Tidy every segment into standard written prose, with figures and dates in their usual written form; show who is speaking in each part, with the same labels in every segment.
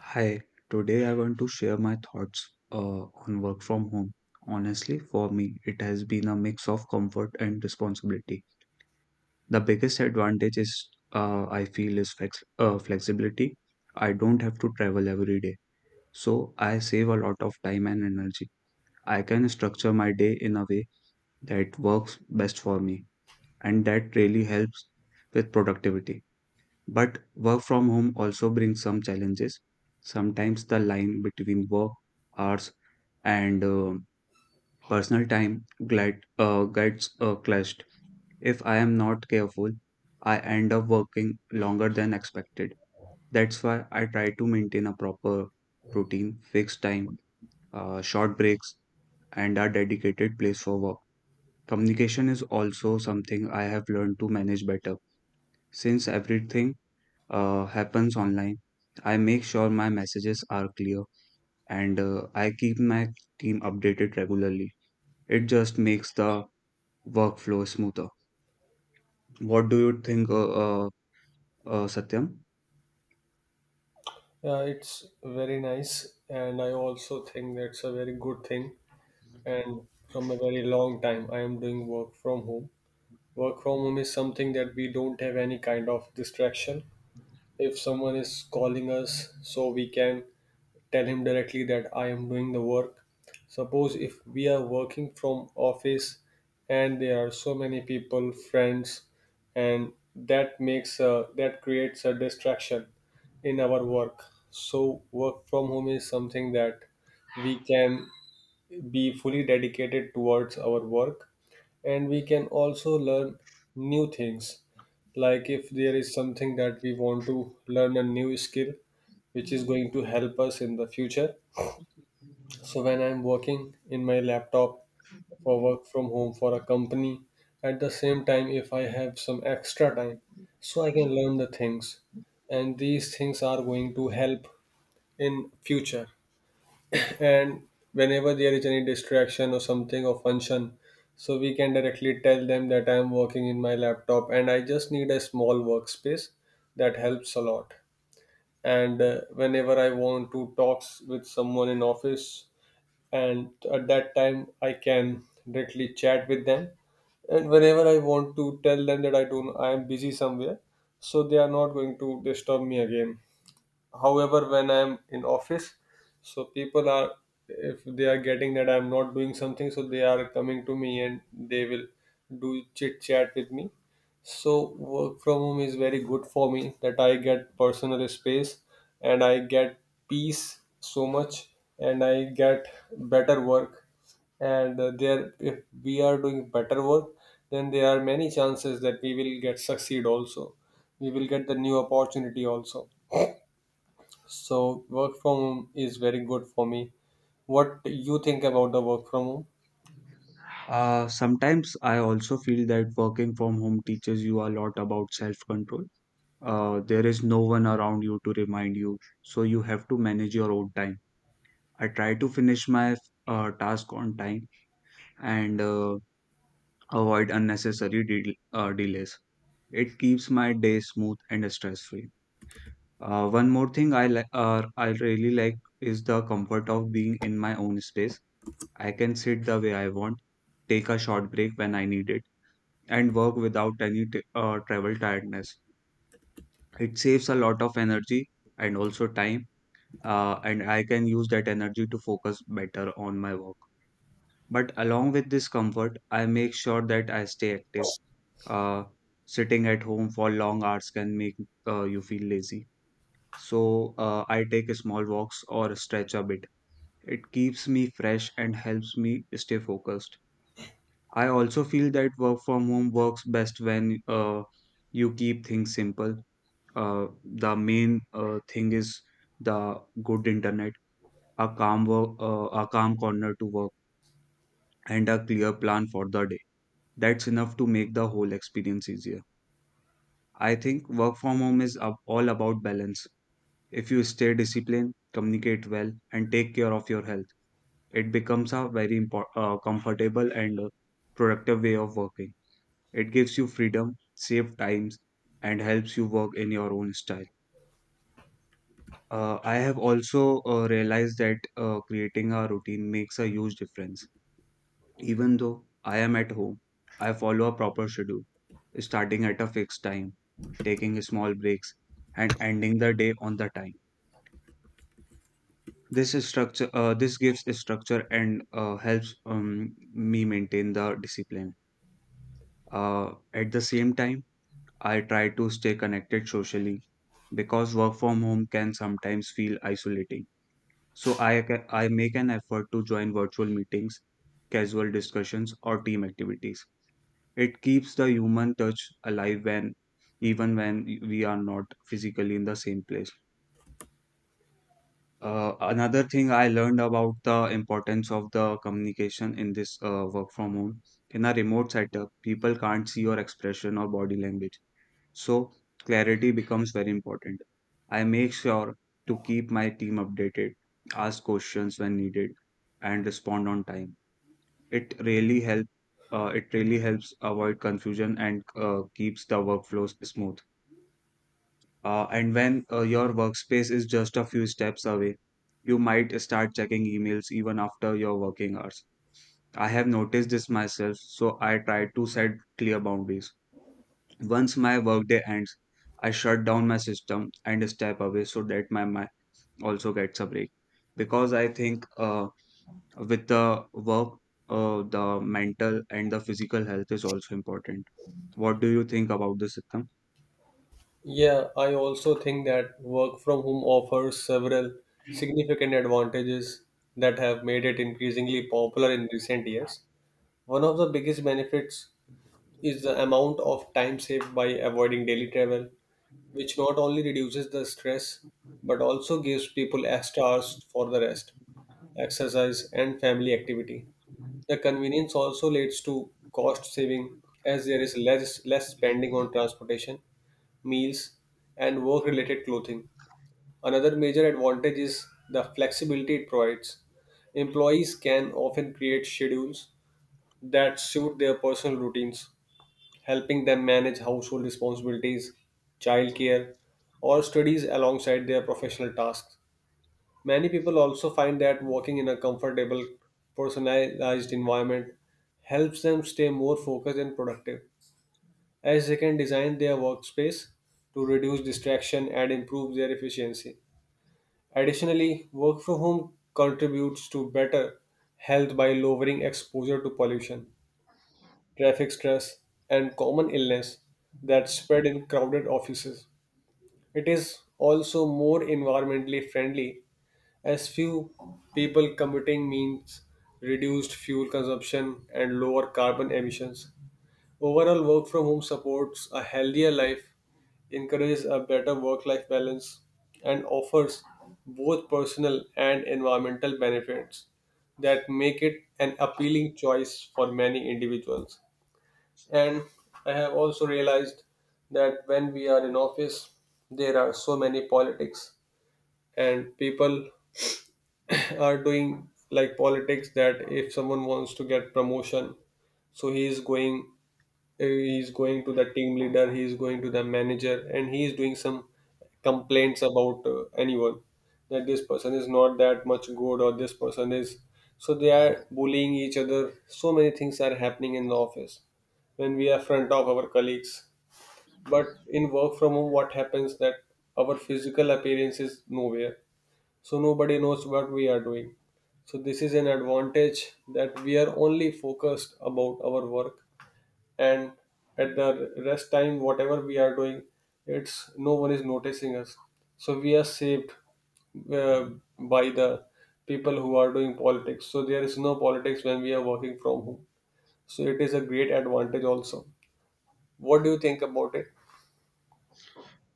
Speaker 1: Hi, today I want to share my thoughts on work from home. Honestly, for me, it has been a mix of comfort and responsibility. The biggest advantage is I feel is flexibility. I don't have to travel every day, so I save a lot of time and energy. I can structure my day in a way that works best for me, and that really helps with productivity. But work from home also brings some challenges. Sometimes the line between work hours and personal time gets clashed. If I am not careful, I end up working longer than expected. That's why I try to maintain a proper routine, fixed time, short breaks, and a dedicated place for work. Communication is also something I have learned to manage better since everything happens online. I make sure my messages are clear and I keep my team updated regularly. It just makes the workflow smoother. What do you think, Satyam?
Speaker 2: Yeah, it's very nice, and I also think that's a very good thing. And from a very long time, I am doing work from home. Work from home is something that we don't have any kind of distraction. If someone is calling us, so we can tell him directly that I am doing the work. Suppose if we are working from office and there are so many people, friends, and that creates a distraction in our work. So work from home is something that we can be fully dedicated towards our work and we can also learn new things. Like if there is something that we want to learn, a new skill which is going to help us in the future, so when I'm working in my laptop for work from home for a company, at the same time if I have some extra time, so I can learn the things and these things are going to help in future. And whenever there is any distraction or something or function, so we can directly tell them that I am working in my laptop and I just need a small workspace. That helps a lot. And whenever I want to talk with someone in office, and at that time I can directly chat with them. And whenever I want to tell them that I don't I am busy somewhere, so they are not going to disturb me again. However, when I'm in office, so people are, if they are getting that I'm not doing something, so they are coming to me and they will do chit chat with me. So work from home is very good for me, that I get personal space and I get peace so much and I get better work. And there, if we are doing better work, then there are many chances that we will get succeed also, we will get the new opportunity also. So work from home is very good for me. What you think about the work from home?
Speaker 1: Sometimes I also feel that working from home teaches you a lot about self-control. There is no one around you to remind you, so you have to manage your own time. I try to finish my task on time and avoid unnecessary delays. It keeps my day smooth and stress-free. One more thing I really like is the comfort of being in my own space. I can sit the way I want, take a short break when I need it, and work without any travel tiredness. It saves a lot of energy and also time, and I can use that energy to focus better on my work. But along with this comfort, I make sure that I stay active. Uh, Sitting at home for long hours can make you feel lazy. So I take small walks or stretch a bit. It keeps me fresh and helps me stay focused. I also feel that work from home works best when you keep things simple. The main thing is the good internet, a calm corner to work, and a clear plan for the day. That's enough to make the whole experience easier. I think work from home is all about balance. If you stay disciplined, communicate well, and take care of your health, it becomes a very comfortable and productive way of working. It gives you freedom, save times, and helps you work in your own style. I have also realized that creating a routine makes a huge difference. Even though I am at home, I follow a proper schedule, starting at a fixed time, taking small breaks, and ending the day on the time. This gives a structure and helps me maintain the discipline. At the same time, I try to stay connected socially because work from home can sometimes feel isolating. So I make an effort to join virtual meetings, casual discussions, or team activities. It keeps the human touch alive when even when we are not physically in the same place. Another thing I learned about the importance of the communication in this work from home. In a remote setup, people can't see your expression or body language. So, clarity becomes very important. I make sure to keep my team updated, ask questions when needed, and respond on time. It really help it really helps avoid confusion and keeps the workflows smooth. And when your workspace is just a few steps away, you might start checking emails even after your working hours. I have noticed this myself, so I try to set clear boundaries. Once my workday ends, I shut down my system and step away so that my mind also gets a break. Because I think with the work, the mental and the physical health is also important. What do you think about this, Sitam?
Speaker 2: Yeah, I also think that work from home offers several significant advantages that have made it increasingly popular in recent years. One of the biggest benefits is the amount of time saved by avoiding daily travel, which not only reduces the stress but also gives people extra hours for the rest, exercise, and family activity. The convenience also leads to cost saving as there is less spending on transportation, meals, and work-related clothing. Another major advantage is the flexibility it provides. Employees can often create schedules that suit their personal routines, helping them manage household responsibilities, childcare, or studies alongside their professional tasks. Many people also find that working in a comfortable, personalized environment helps them stay more focused and productive, as they can design their workspace to reduce distraction and improve their efficiency. Additionally, work from home contributes to better health by lowering exposure to pollution, traffic stress, and common illness that spread in crowded offices. It is also more environmentally friendly as few people commuting means reduced fuel consumption and lower carbon emissions. Overall, work from home supports a healthier life, encourages a better work life balance, and offers both personal and environmental benefits that make it an appealing choice for many individuals. And I have also realized that when we are in office, there are so many politics, and people are doing like politics that if someone wants to get promotion, so he is going to the team leader. He is going to the manager and he is doing some complaints about anyone, that this person is not that much good or this person is, so they are bullying each other. So many things are happening in the office when we are front of our colleagues. But in work from home, what happens that our physical appearance is nowhere, so nobody knows what we are doing. So this is an advantage, that we are only focused about our work, and at the rest time whatever we are doing, it's no one is noticing us. So we are saved uh, by the people who are doing politics. So there is no politics when we are working from home. So it is a great advantage also. What do you think about it?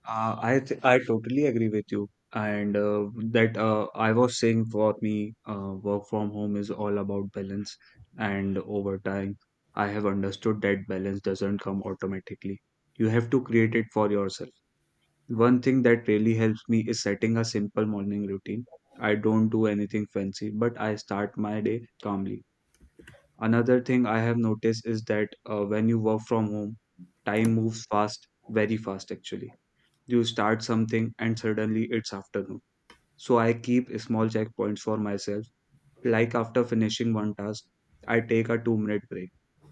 Speaker 1: I totally agree with you, and that I was saying for me, work from home is all about balance, and over time, I have understood that balance doesn't come automatically. You have to create it for yourself. One thing that really helps me is setting a simple morning routine. I don't do anything fancy, but I start my day calmly. Another thing I have noticed is that when you work from home, time moves fast, very fast actually. You start something and suddenly it's afternoon. So I keep small checkpoints for myself. Like after finishing one task, I take a 2-minute break,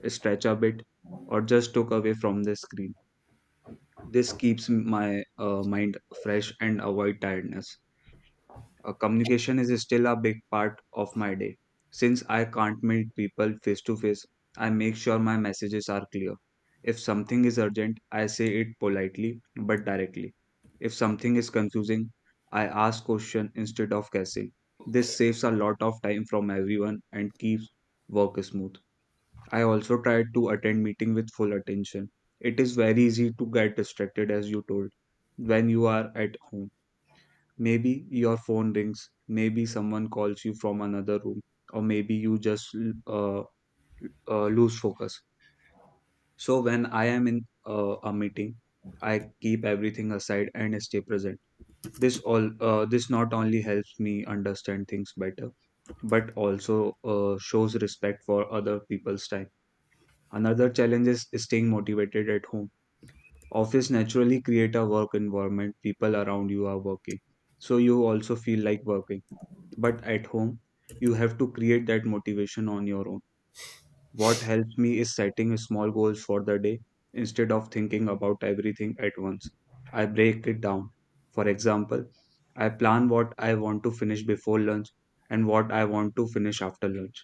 Speaker 1: stretch a bit, or just look away from the screen. This keeps my mind fresh and avoid tiredness. Communication is still a big part of my day. Since I can't meet people face to face, I make sure my messages are clear. If something is urgent, I say it politely but directly. If something is confusing, I ask question instead of guessing. This saves a lot of time from everyone and keeps work smooth. I also try to attend meeting with full attention. It is very easy to get distracted as you told when you are at home. Maybe your phone rings, maybe someone calls you from another room, or maybe you just uh, lose focus. So, when I am in a meeting, I keep everything aside and stay present. This not only helps me understand things better, but also shows respect for other people's time. Another challenge is staying motivated at home. Office naturally create a work environment. People around you are working, so you also feel like working. But at home, you have to create that motivation on your own. What helps me is setting small goals for the day instead of thinking about everything at once. I break it down. For example, I plan what I want to finish before lunch and what I want to finish after lunch.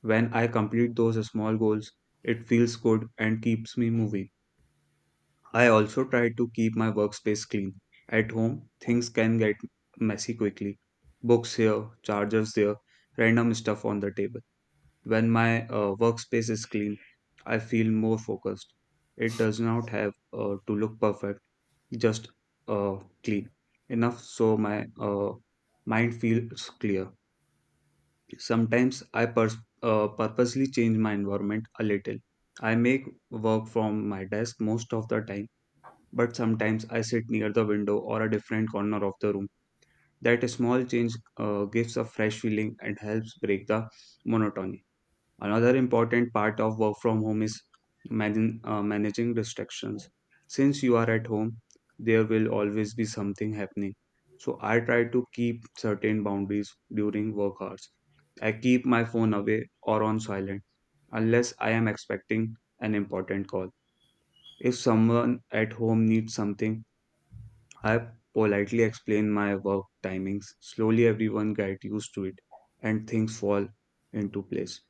Speaker 1: When I complete those small goals, it feels good and keeps me moving. I also try to keep my workspace clean. At home, things can get messy quickly. Books here, chargers there, random stuff on the table. When my workspace is clean, I feel more focused. It does not have to look perfect, just uh, clean enough so my mind feels clear. Sometimes I purposely change my environment a little. I make work from my desk most of the time, but sometimes I sit near the window or a different corner of the room. That small change gives a fresh feeling and helps break the monotony. Another important part of work from home is managing distractions. Since you are at home, there will always be something happening. So I try to keep certain boundaries during work hours. I keep my phone away or on silent unless I am expecting an important call. If someone at home needs something, I politely explain my work timings. Slowly, everyone gets used to it and things fall into place.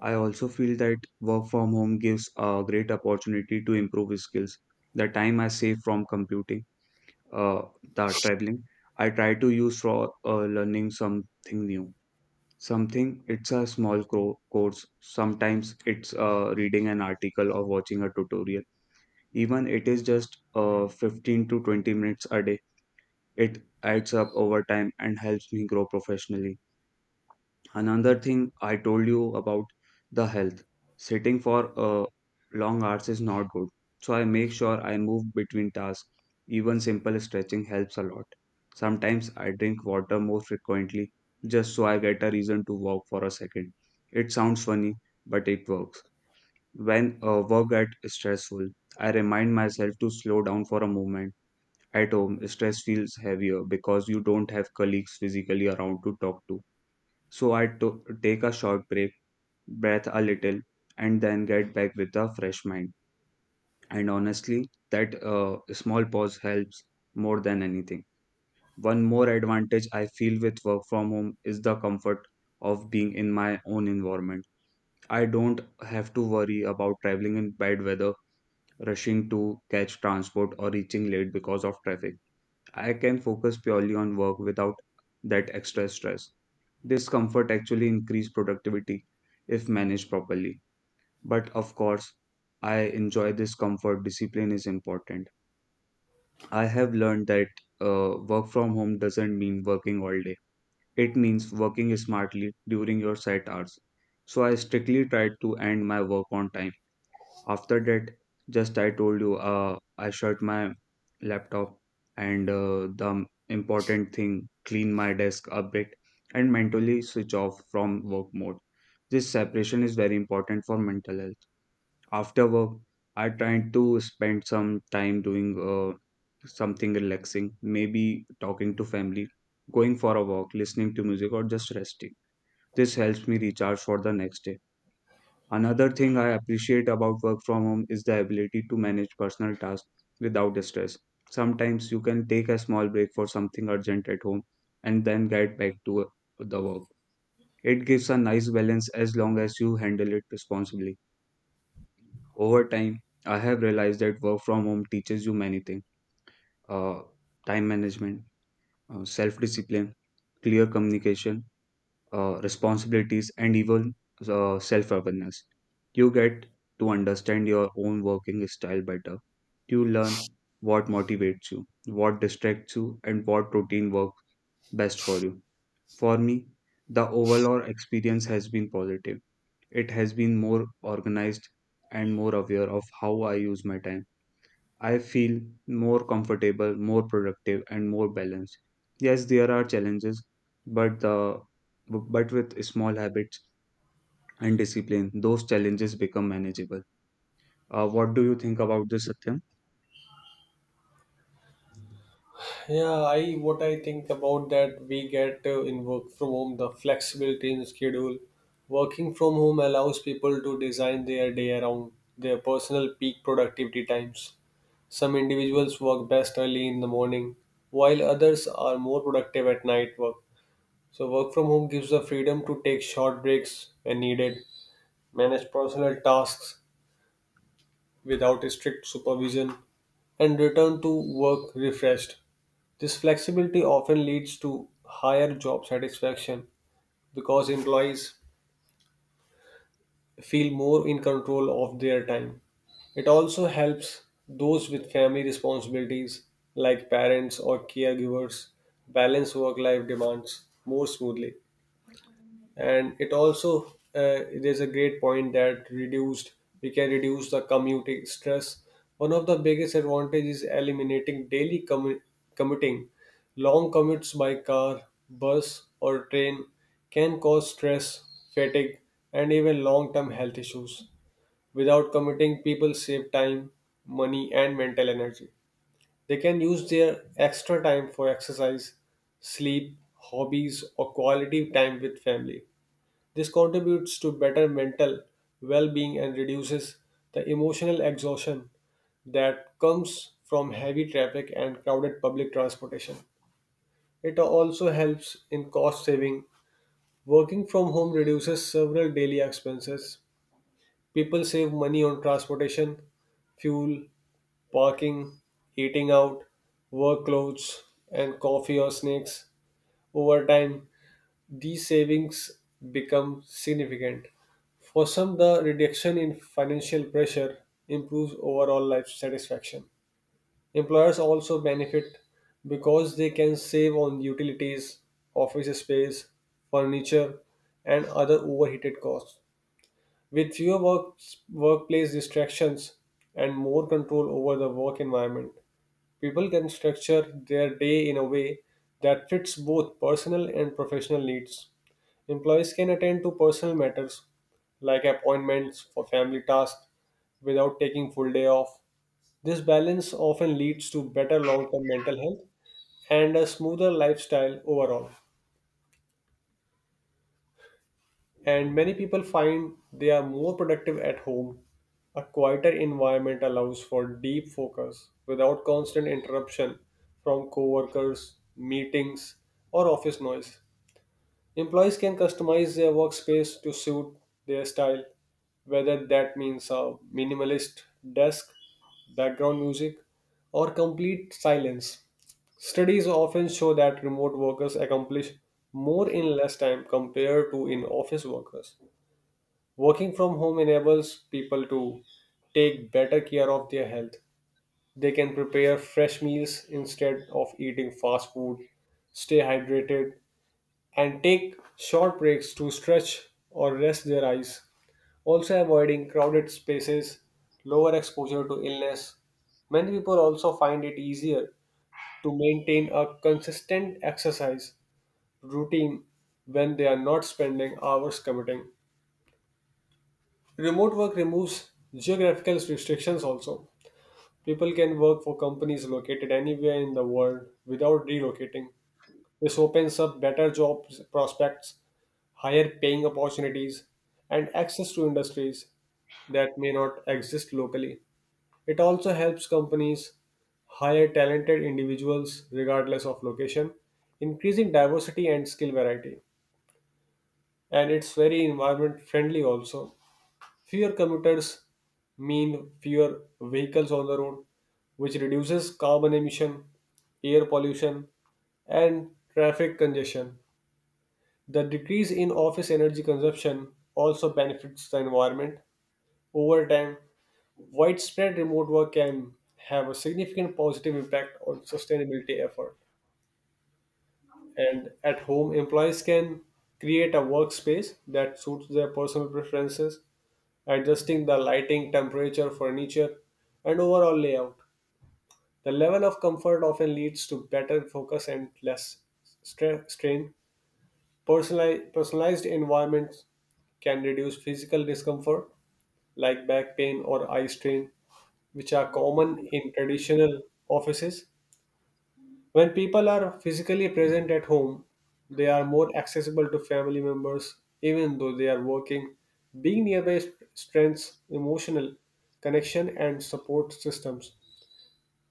Speaker 1: I also feel that work from home gives a great opportunity to improve skills. The time I save from computing, uh, the traveling, I try to use for learning something new. Something it's a small course. Sometimes it's reading an article or watching a tutorial. Even it is just 15 to 20 minutes a day, it adds up over time and helps me grow professionally. Another thing I told you about the health. Sitting for long hours is not good. So I make sure I move between tasks. Even simple stretching helps a lot. Sometimes I drink water more frequently just so I get a reason to walk for a second. It sounds funny, but it works. When work gets stressful, I remind myself to slow down for a moment. At home, stress feels heavier because you don't have colleagues physically around to talk to. So take a short break, breath a little, and then get back with a fresh mind. And honestly, that small pause helps more than anything. One more advantage I feel with work from home is the comfort of being in my own environment. I don't have to worry about traveling in bad weather, rushing to catch transport, or reaching late because of traffic. I can focus purely on work without that extra stress. This comfort actually increases productivity if managed properly. But of course, I enjoy this comfort. Discipline is important. I have learned that work from home doesn't mean working all day. It means working smartly during your set hours. So I strictly try to end my work on time after that, just I told you, I shut my laptop and the important thing, clean my desk a bit and mentally switch off from work mode. This separation is very important for mental health. After work, I tried to spend some time doing something relaxing, maybe talking to family, going for a walk, listening to music, or just resting. This helps me recharge for the next day. Another thing I appreciate about work from home is the ability to manage personal tasks without stress. Sometimes you can take a small break for something urgent at home and then get back to the work. It gives a nice balance as long as you handle it responsibly. Over time, I have realized that work from home teaches you many things uh, time management, self discipline, clear communication, responsibilities, and even self awareness. You get to understand your own working style better. You learn what motivates you, what distracts you, and what routine works best for you. For me, the overall experience has been positive. It has been more organized and more aware of how I use my time. I feel more comfortable, more productive, and more balanced. Yes, there are challenges, but the but with small habits and discipline, those challenges become manageable. What do you think about this, Satyam?
Speaker 2: Yeah, I what I think about that we get in work from home the flexibility in schedule. Working from home allows people to design their day around their personal peak productivity times. Some individuals work best early in the morning, while others are more productive at night work. So work from home gives the freedom to take short breaks when needed, manage personal tasks without strict supervision, and return to work refreshed. This flexibility often leads to higher job satisfaction because employees feel more in control of their time. It also helps those with family responsibilities, like parents or caregivers, balance work life demands more smoothly. And it also, there's a great point, that reduced we can reduce the commuting stress. One of the biggest advantages is eliminating daily commuting. Long commutes by car, bus or train can cause stress, fatigue, and even long-term health issues. Without commuting, people save time, money, and mental energy. They can use their extra time for exercise, sleep, hobbies, or quality time with family. This contributes to better mental well being and reduces the emotional exhaustion that comes from heavy traffic and crowded public transportation. It also helps in cost saving. Working from home reduces several daily expenses. People save money on transportation, fuel, parking, eating out, work clothes, and coffee or snacks. Over time, these savings become significant. For some, the reduction in financial pressure improves overall life satisfaction. Employers also benefit because they can save on utilities, office space, furniture, and other overheated costs. With workplace distractions and more control over the work environment, people can structure their day in a way that fits both personal and professional needs. Employees can attend to personal matters like appointments for family tasks without taking full day off. This balance often leads to better long-term mental health and a smoother lifestyle overall. And many people find they are more productive at home. A quieter environment allows for deep focus without constant interruption from coworkers, meetings, or office noise. Employees can customize their workspace to suit their style, whether that means a minimalist desk, background music, or complete silence. Studies often show that remote workers accomplish more in less time compared to in office workers. Working from home enables people to take better care of their health. They can prepare fresh meals instead of eating fast food, stay hydrated, and take short breaks to stretch or rest their eyes. Also, avoiding crowded spaces, lower exposure to illness. Many people also find it easier to maintain a consistent exercise routine when they are not spending hours commuting. Remote work removes geographical restrictions also. People can work for companies located anywhere in the world without relocating. This opens up better job prospects, higher paying opportunities, and access to industries that may not exist locally. It also helps companies hire talented individuals regardless of location, increasing diversity and skill variety. And it's very environment friendly also. Fewer commuters mean fewer vehicles on the road, which reduces carbon emission, air pollution, and traffic congestion. The decrease in office energy consumption also benefits the environment. Over time, widespread remote work can have a significant positive impact on sustainability effort. And at home, employees can create a workspace that suits their personal preferences, adjusting the lighting, temperature, furniture, and overall layout. The level of comfort often leads to better focus and less strain. Personalized environments can reduce physical discomfort like back pain or eye strain, which are common in traditional offices. When people are physically present at home, they are more accessible to family members, even though they are working. Being nearby strengthens emotional connection and support systems.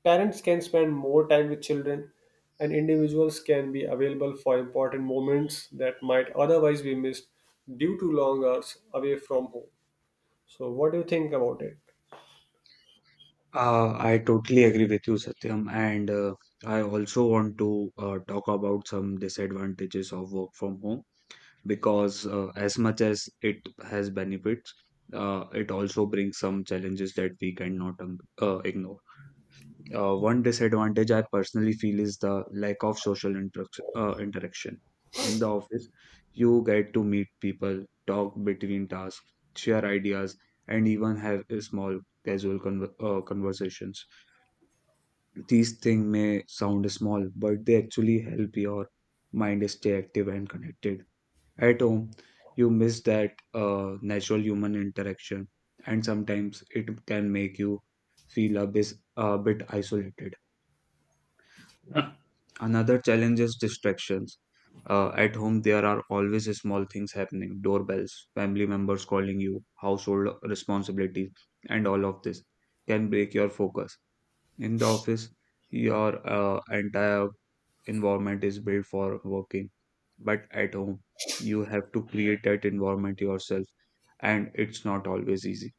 Speaker 2: Parents can spend more time with children, and individuals can be available for important moments that might otherwise be missed due to long hours away from home. So, what do you think about it?
Speaker 1: I totally agree with you, Satyam, and I also want to talk about some disadvantages of work from home because as much as it has benefits, it also brings some challenges that we cannot ignore. One disadvantage I personally feel is the lack of social interaction. In the office, you get to meet people, talk between tasks, share ideas, and even have a small casual conversations. These things may sound small, but they actually help your mind stay active and connected. At home, you miss that natural human interaction, and sometimes it can make you feel a bit isolated. Another challenge is distractions. At home, there are always small things happening doorbells, family members calling you, household responsibilities, and all of this can break your focus. In the office, your entire environment is built for working, but at home, you have to create that environment yourself, and it's not always easy.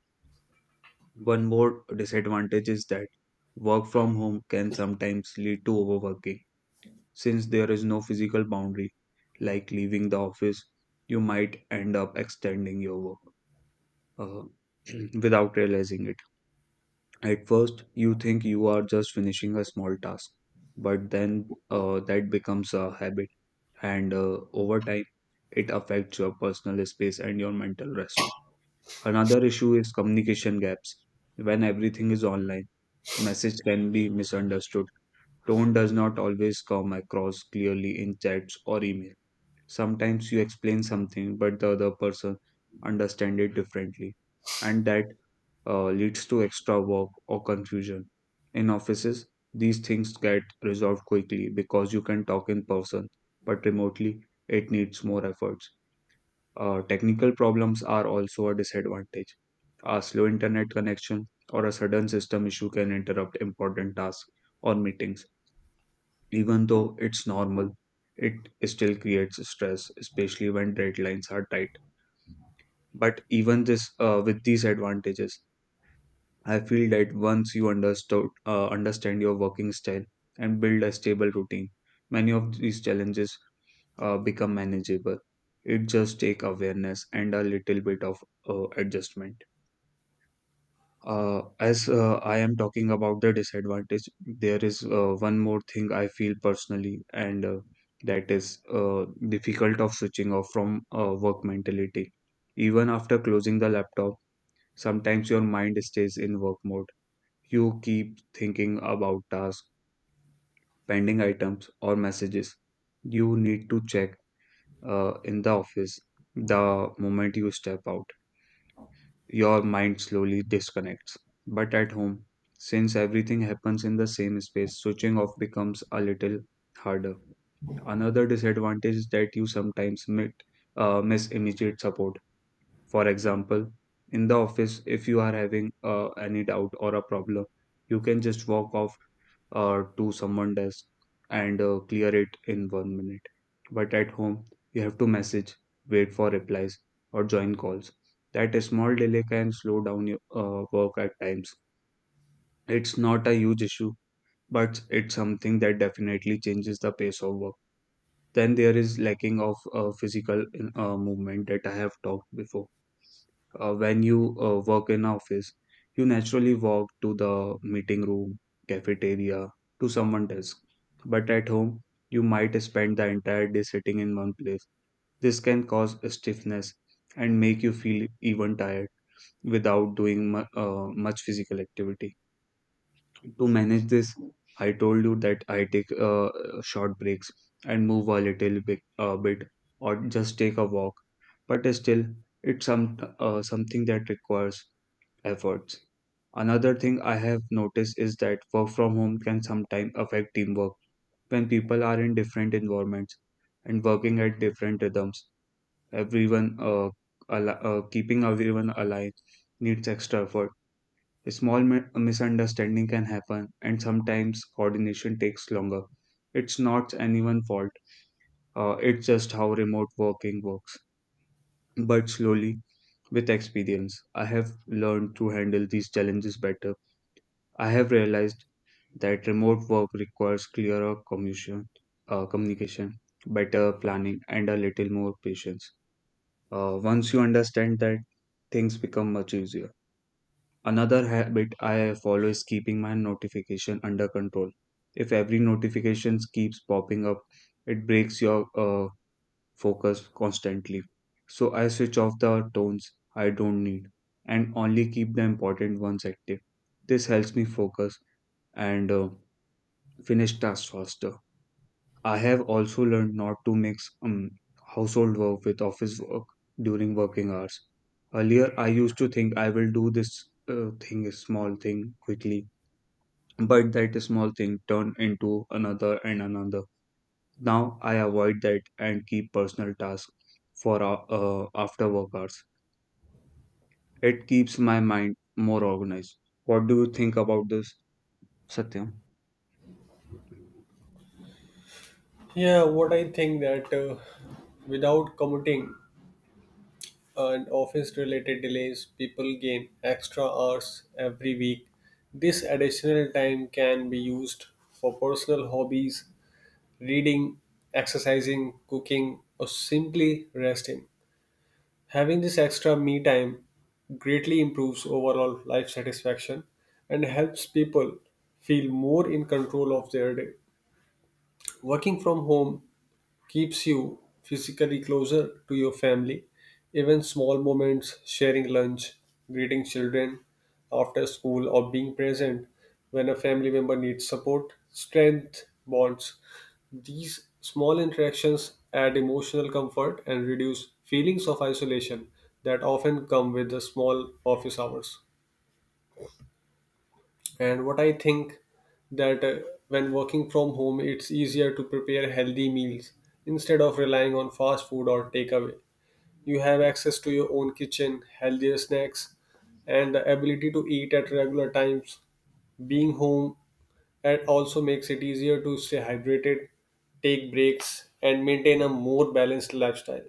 Speaker 1: One more disadvantage is that work from home can sometimes lead to overworking since there is no physical boundary, like leaving the office, you might end up extending your work uh, without realizing it. At first, you think you are just finishing a small task, but then that becomes a habit, and over time, it affects your personal space and your mental rest. Another issue is communication gaps. When everything is online, message can be misunderstood. Tone does not always come across clearly in chats or email sometimes you explain something but the other person understand it differently and that leads to extra work or confusion in offices these things get resolved quickly because you can talk in person but remotely it needs more efforts. Technical problems are also a disadvantage, a slow internet connection or a sudden system issue can interrupt important tasks or meetings even though it's normal, it still creates stress, especially when deadlines are tight. But even this, with these advantages, I feel that once you understand your working style and build a stable routine, many of these challenges become manageable. It just take awareness and a little bit of adjustment. As I am talking about the disadvantage, there is one more thing I feel personally, and that is difficult of switching off from work mentality. Even after closing the laptop, sometimes your mind stays in work mode. You keep thinking about tasks, pending items, or messages you need to check in the office the moment you step out. Your mind slowly disconnects. But at home, since everything happens in the same space, switching off becomes a little harder. Another disadvantage is that you sometimes miss immediate support. For example, in the office, if you are having any doubt or a problem, you can just walk off to someone desk and clear it in one minute. But at home, you have to message, wait for replies, or join calls. That small delay can slow down your work at times. It's not a huge issue, but it's something that definitely changes the pace of work. Then there is lacking of physical movement that I have talked before. When you work in office you naturally walk to the meeting room, cafeteria, to someone's desk, but at home you might spend the entire day sitting in one place. This can cause stiffness and make you feel even tired without doing much physical activity. To manage this, I told you that I take short breaks and move a little bit, or just take a walk, but still it's something that requires efforts. Another thing I have noticed is that work from home can sometimes affect teamwork. When people are in different environments and working at different rhythms, everyone uh, keeping everyone aligned needs extra effort. A small misunderstanding can happen, and sometimes coordination takes longer. It's not anyone's fault. It's just how remote working works. But slowly, with experience, I have learned to handle these challenges better. I have realized that remote work requires clearer communication, better planning, and a little more patience. Once you understand that, things become much easier. Another habit I follow is keeping my notification under control. If every notification keeps popping up, it breaks your focus constantly. So I switch off the tones I don't need and only keep the important ones active. This helps me focus and finish tasks faster. I have also learned not to mix household work with office work during working hours. Earlier, I used to think I will do this thing, a small thing quickly, but that small thing turned into another and another. Now I avoid that and keep personal tasks for after work hours. It keeps my mind more organized. What do you think about this, Satyam?
Speaker 2: Yeah, what I think that without commuting, and office related delays, people gain extra hours every week. This additional time can be used for personal hobbies, reading, exercising, cooking, or simply resting. Having this extra me time greatly improves overall life satisfaction and helps people feel more in control of their day. Working from home keeps you physically closer to your family. Even small moments, sharing lunch, greeting children after school, or being present when a family member needs support, strength bonds. These small interactions add emotional comfort and reduce feelings of isolation that often come with the small office hours. And what I think that when working from home, it's easier to prepare healthy meals instead of relying on fast food or takeaway. You have access to your own kitchen, healthier snacks, and the ability to eat at regular times. Being home, it also makes it easier to stay hydrated, take breaks, and maintain a more balanced lifestyle,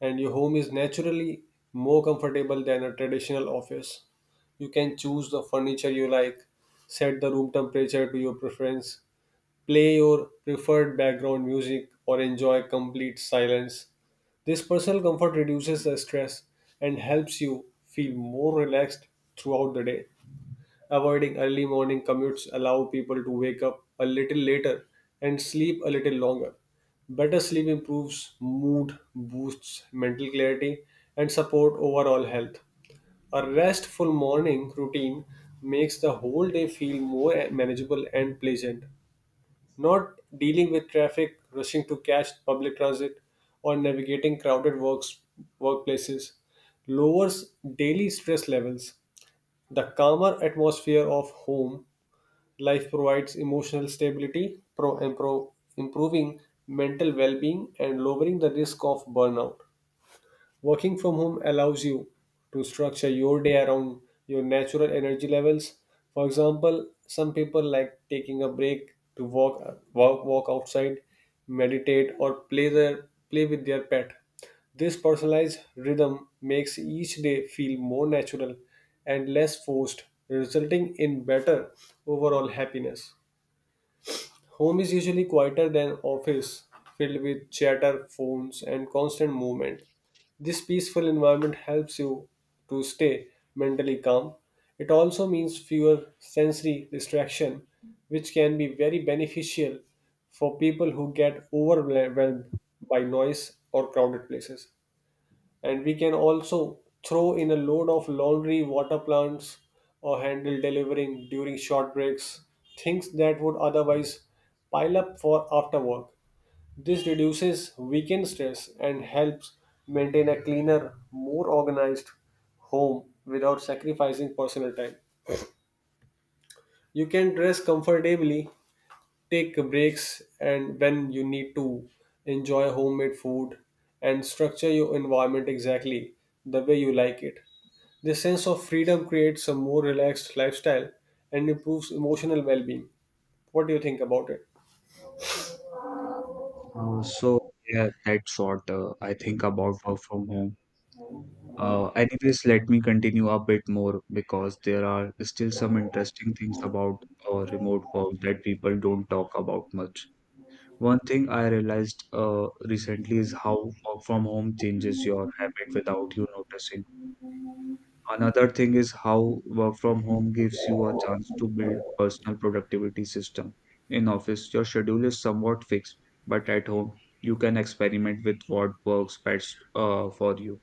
Speaker 2: and your home is naturally more comfortable than a traditional office. You can choose the furniture you like, set the room temperature to your preference, play your preferred background music, or enjoy complete silence. This personal comfort reduces the stress and helps you feel more relaxed throughout the day. Avoiding early morning commutes allow people to wake up a little later and sleep a little longer. Better sleep improves mood, boosts mental clarity, and support overall health. A restful morning routine makes the whole day feel more manageable and pleasant. Not dealing with traffic, rushing to catch public transit, or navigating crowded workplaces lowers daily stress levels. The calmer atmosphere of home life provides emotional stability, pro- and pro improving mental well being, and lowering the risk of burnout. Working from home allows you to structure your day around your natural energy levels. For example, some people like taking a break to walk outside, meditate or play with their pet. This personalized rhythm makes each day feel more natural and less forced, resulting in better overall happiness. Home is usually quieter than office, filled with chatter, phones, and constant movement. This peaceful environment helps you to stay mentally calm. It also means fewer sensory distraction, which can be very beneficial for people who get overwhelmed by noise or crowded places. And we can also throw in a load of laundry, water plants, or handle delivering during short breaks, things that would otherwise pile up for after work. This reduces weekend stress and helps maintain a cleaner, more organized home without sacrificing personal time. You can dress comfortably, take breaks and when you need to enjoy homemade food, and structure your environment exactly the way you like it. This sense of freedom creates a more relaxed lifestyle and improves emotional well-being. What do you think about it?
Speaker 1: So yeah, that's what I think about work from home. Anyways, let me continue a bit more because there are still some interesting things about remote work that people don't talk about much. One thing I realized recently is how work from home changes your habit without you noticing. Another thing is how work from home gives you a chance to build personal productivity system. In office, your schedule is somewhat fixed, but at home, you can experiment with what works best for you.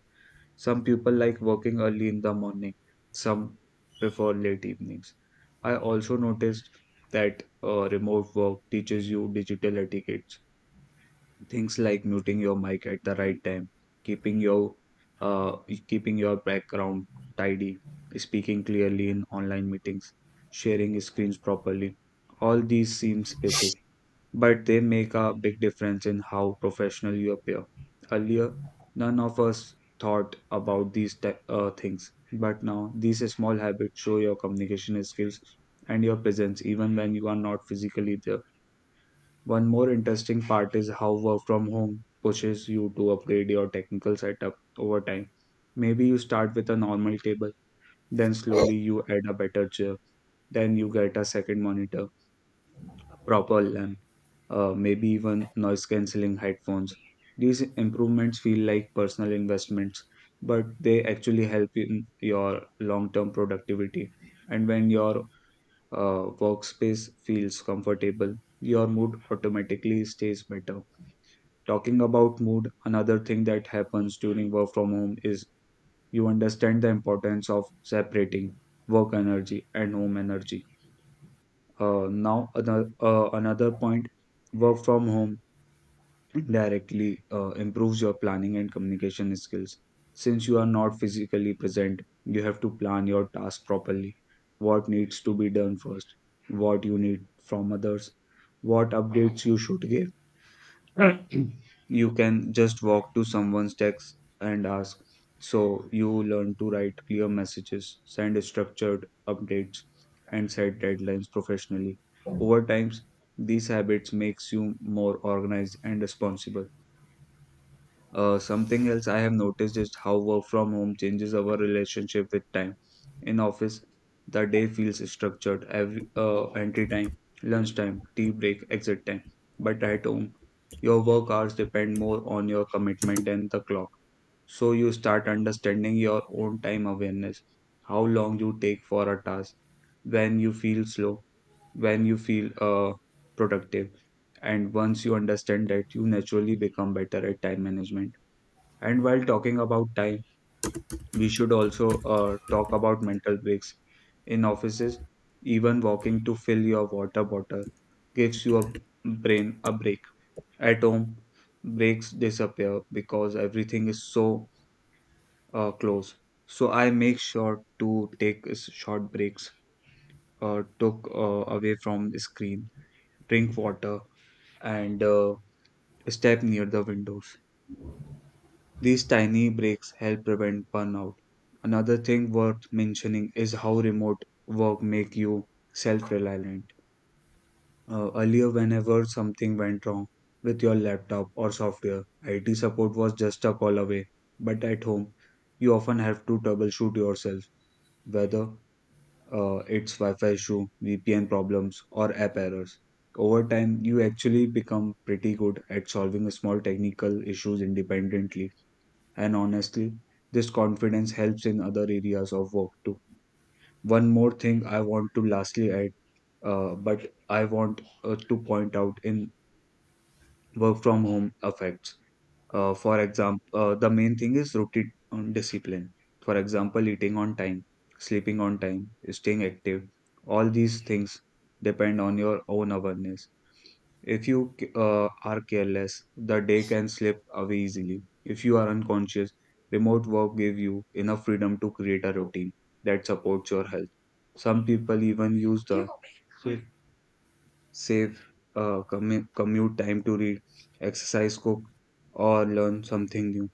Speaker 1: Some people like working early in the morning, some prefer late evenings. I also noticed that remote work teaches you digital etiquettes, things like muting your mic at the right time, keeping your uh, keeping your background tidy, speaking clearly in online meetings, sharing screens properly. All these seems basic, but they make a big difference in how professional you appear. Earlier, none of us thought about these things, but now these small habits show your communication skills and your presence even when you are not physically there. One more interesting part is how work from home pushes you to upgrade your technical setup over time. Maybe you start with a normal table, then slowly you add a better chair, then you get a second monitor, a proper lamp, maybe even noise cancelling headphones. These improvements feel like personal investments, but they actually help in your long term productivity. And when your workspace feels comfortable, your mood automatically stays better. Talking about mood, another thing that happens during work from home is you understand the importance of separating work energy and home energy. Now another point, work from home directly improves your planning and communication skills. Since you are not physically present, you have to plan your task properly. What needs to be done first? What you need from others? What updates you should give? You can just walk to someone's text and ask. So you learn to write clear messages, send structured updates, and set deadlines professionally. Over time, these habits makes you more organized and responsible. Something else I have noticed is how work from home changes our relationship with time. In office, the day feels structured, every entry time, lunch time, tea break, exit time. But at home, your work hours depend more on your commitment and the clock. So you start understanding your own time awareness, how long you take for a task, when you feel slow, when you feel productive. And once you understand that, you naturally become better at time management. And while talking about time, we should also talk about mental breaks. In offices, even walking to fill your water bottle gives you a brain a break. At home, breaks disappear because everything is so close. So I make sure to take short breaks, took away from the screen, drink water, and step near the windows. These tiny breaks help prevent burnout. Another thing worth mentioning is how remote work make you self-reliant. Earlier, whenever something went wrong with your laptop or software, IT support was just a call away. But at home, you often have to troubleshoot yourself, whether it's Wi-Fi issue, VPN problems, or app errors. Over time, you actually become pretty good at solving small technical issues independently, and honestly, this confidence helps in other areas of work too. One more thing I want to lastly add, but I want to point out in work from home effects. For example, the main thing is routine discipline. For example, eating on time, sleeping on time, staying active. All these things depend on your own awareness. If you are careless, the day can slip away easily. If you are unconscious, remote work gives you enough freedom to create a routine that supports your health. Some people even use the safe, safe commute time to read, exercise, cook, or learn something new.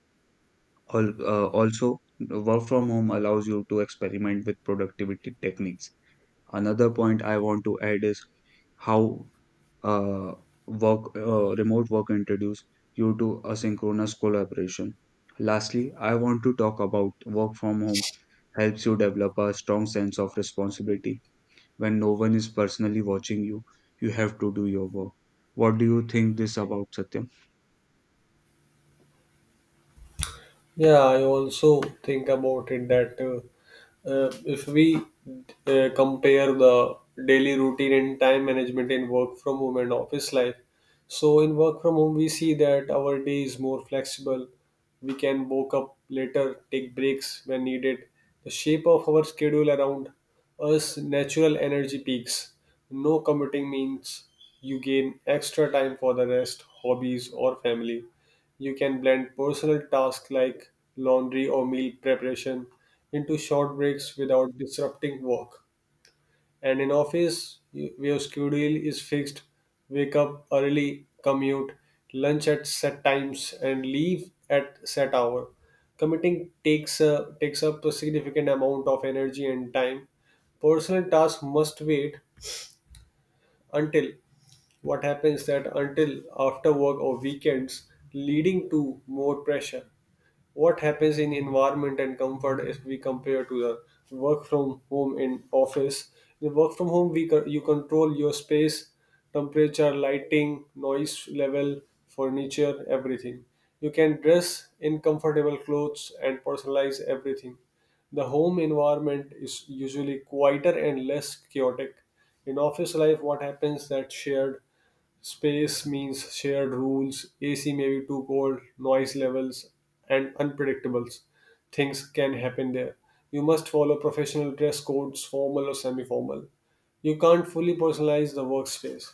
Speaker 1: Also, work from home allows you to experiment with productivity techniques. Another point I want to add is how uh, work remote work introduce you to asynchronous collaboration. Lastly, I want to talk about work from home helps you develop a strong sense of responsibility. When no one is personally watching you, you have to do your work. What do you think this about Satyam?
Speaker 2: Yeah, I also think about it that if we compare the daily routine and time management in work from home and office life, so in work from home, we see that our day is more flexible. We can woke up later, take breaks when needed. The shape of our schedule around us natural energy peaks. No commuting means you gain extra time for the rest, hobbies, or family. You can blend personal tasks like laundry or meal preparation into short breaks without disrupting work. And in office, your schedule is fixed. Wake up early, commute, lunch at set times, and leave at set hour. Commuting takes a, takes up a significant amount of energy and time. Personal tasks must wait until, what happens that until after work or weekends, leading to more pressure. What happens in environment and comfort if we compare to the work from home in office? The work from home, you control your space, temperature, lighting, noise level, furniture, everything. You can dress in comfortable clothes and personalize everything. The home environment is usually quieter and less chaotic. In office life, what happens that shared space means shared rules. AC may be too cold, noise levels, and unpredictables. Things can happen there. You must follow professional dress codes, formal or semi formal. You can't fully personalize the workspace.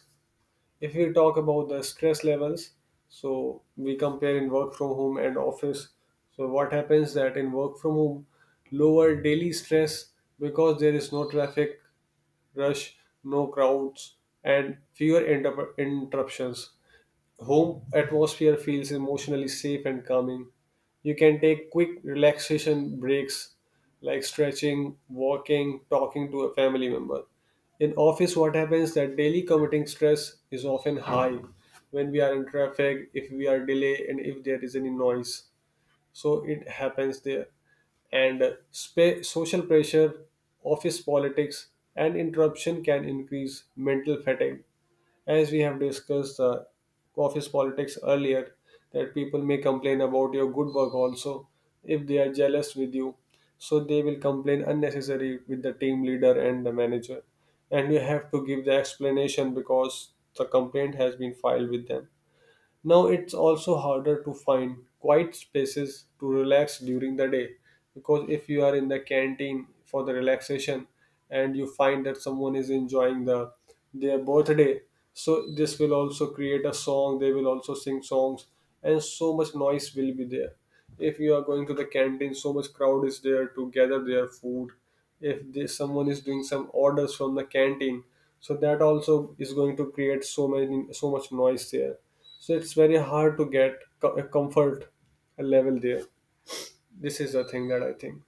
Speaker 2: If we talk about the stress levels, so we compare in work from home and office. So, what happens that in work from home, lower daily stress because there is no traffic, rush, no crowds, and fewer interruptions. Home atmosphere feels emotionally safe and calming. You can take quick relaxation breaks like stretching, walking, talking to a family member. In office, what happens that daily commuting stress is often high when we are in traffic, if we are delay, and if there is any noise, so it happens there. And social pressure, office politics, and interruption can increase mental fatigue. As we have discussed office politics earlier, that people may complain about your good work also if they are jealous with you, so they will complain unnecessary with the team leader and the manager, and you have to give the explanation because the complaint has been filed with them. Now it's also harder to find quiet spaces to relax during the day, because if you are in the canteen for the relaxation and you find that someone is enjoying the their birthday, so this will also create a song, they will also sing songs and so much noise will be there. If you are going to the canteen, so much crowd is there to gather their food. If this, someone is doing some orders from the canteen, so that also is going to create so many so much noise there. So it's very hard to get a comfort level there. This is the thing that I think.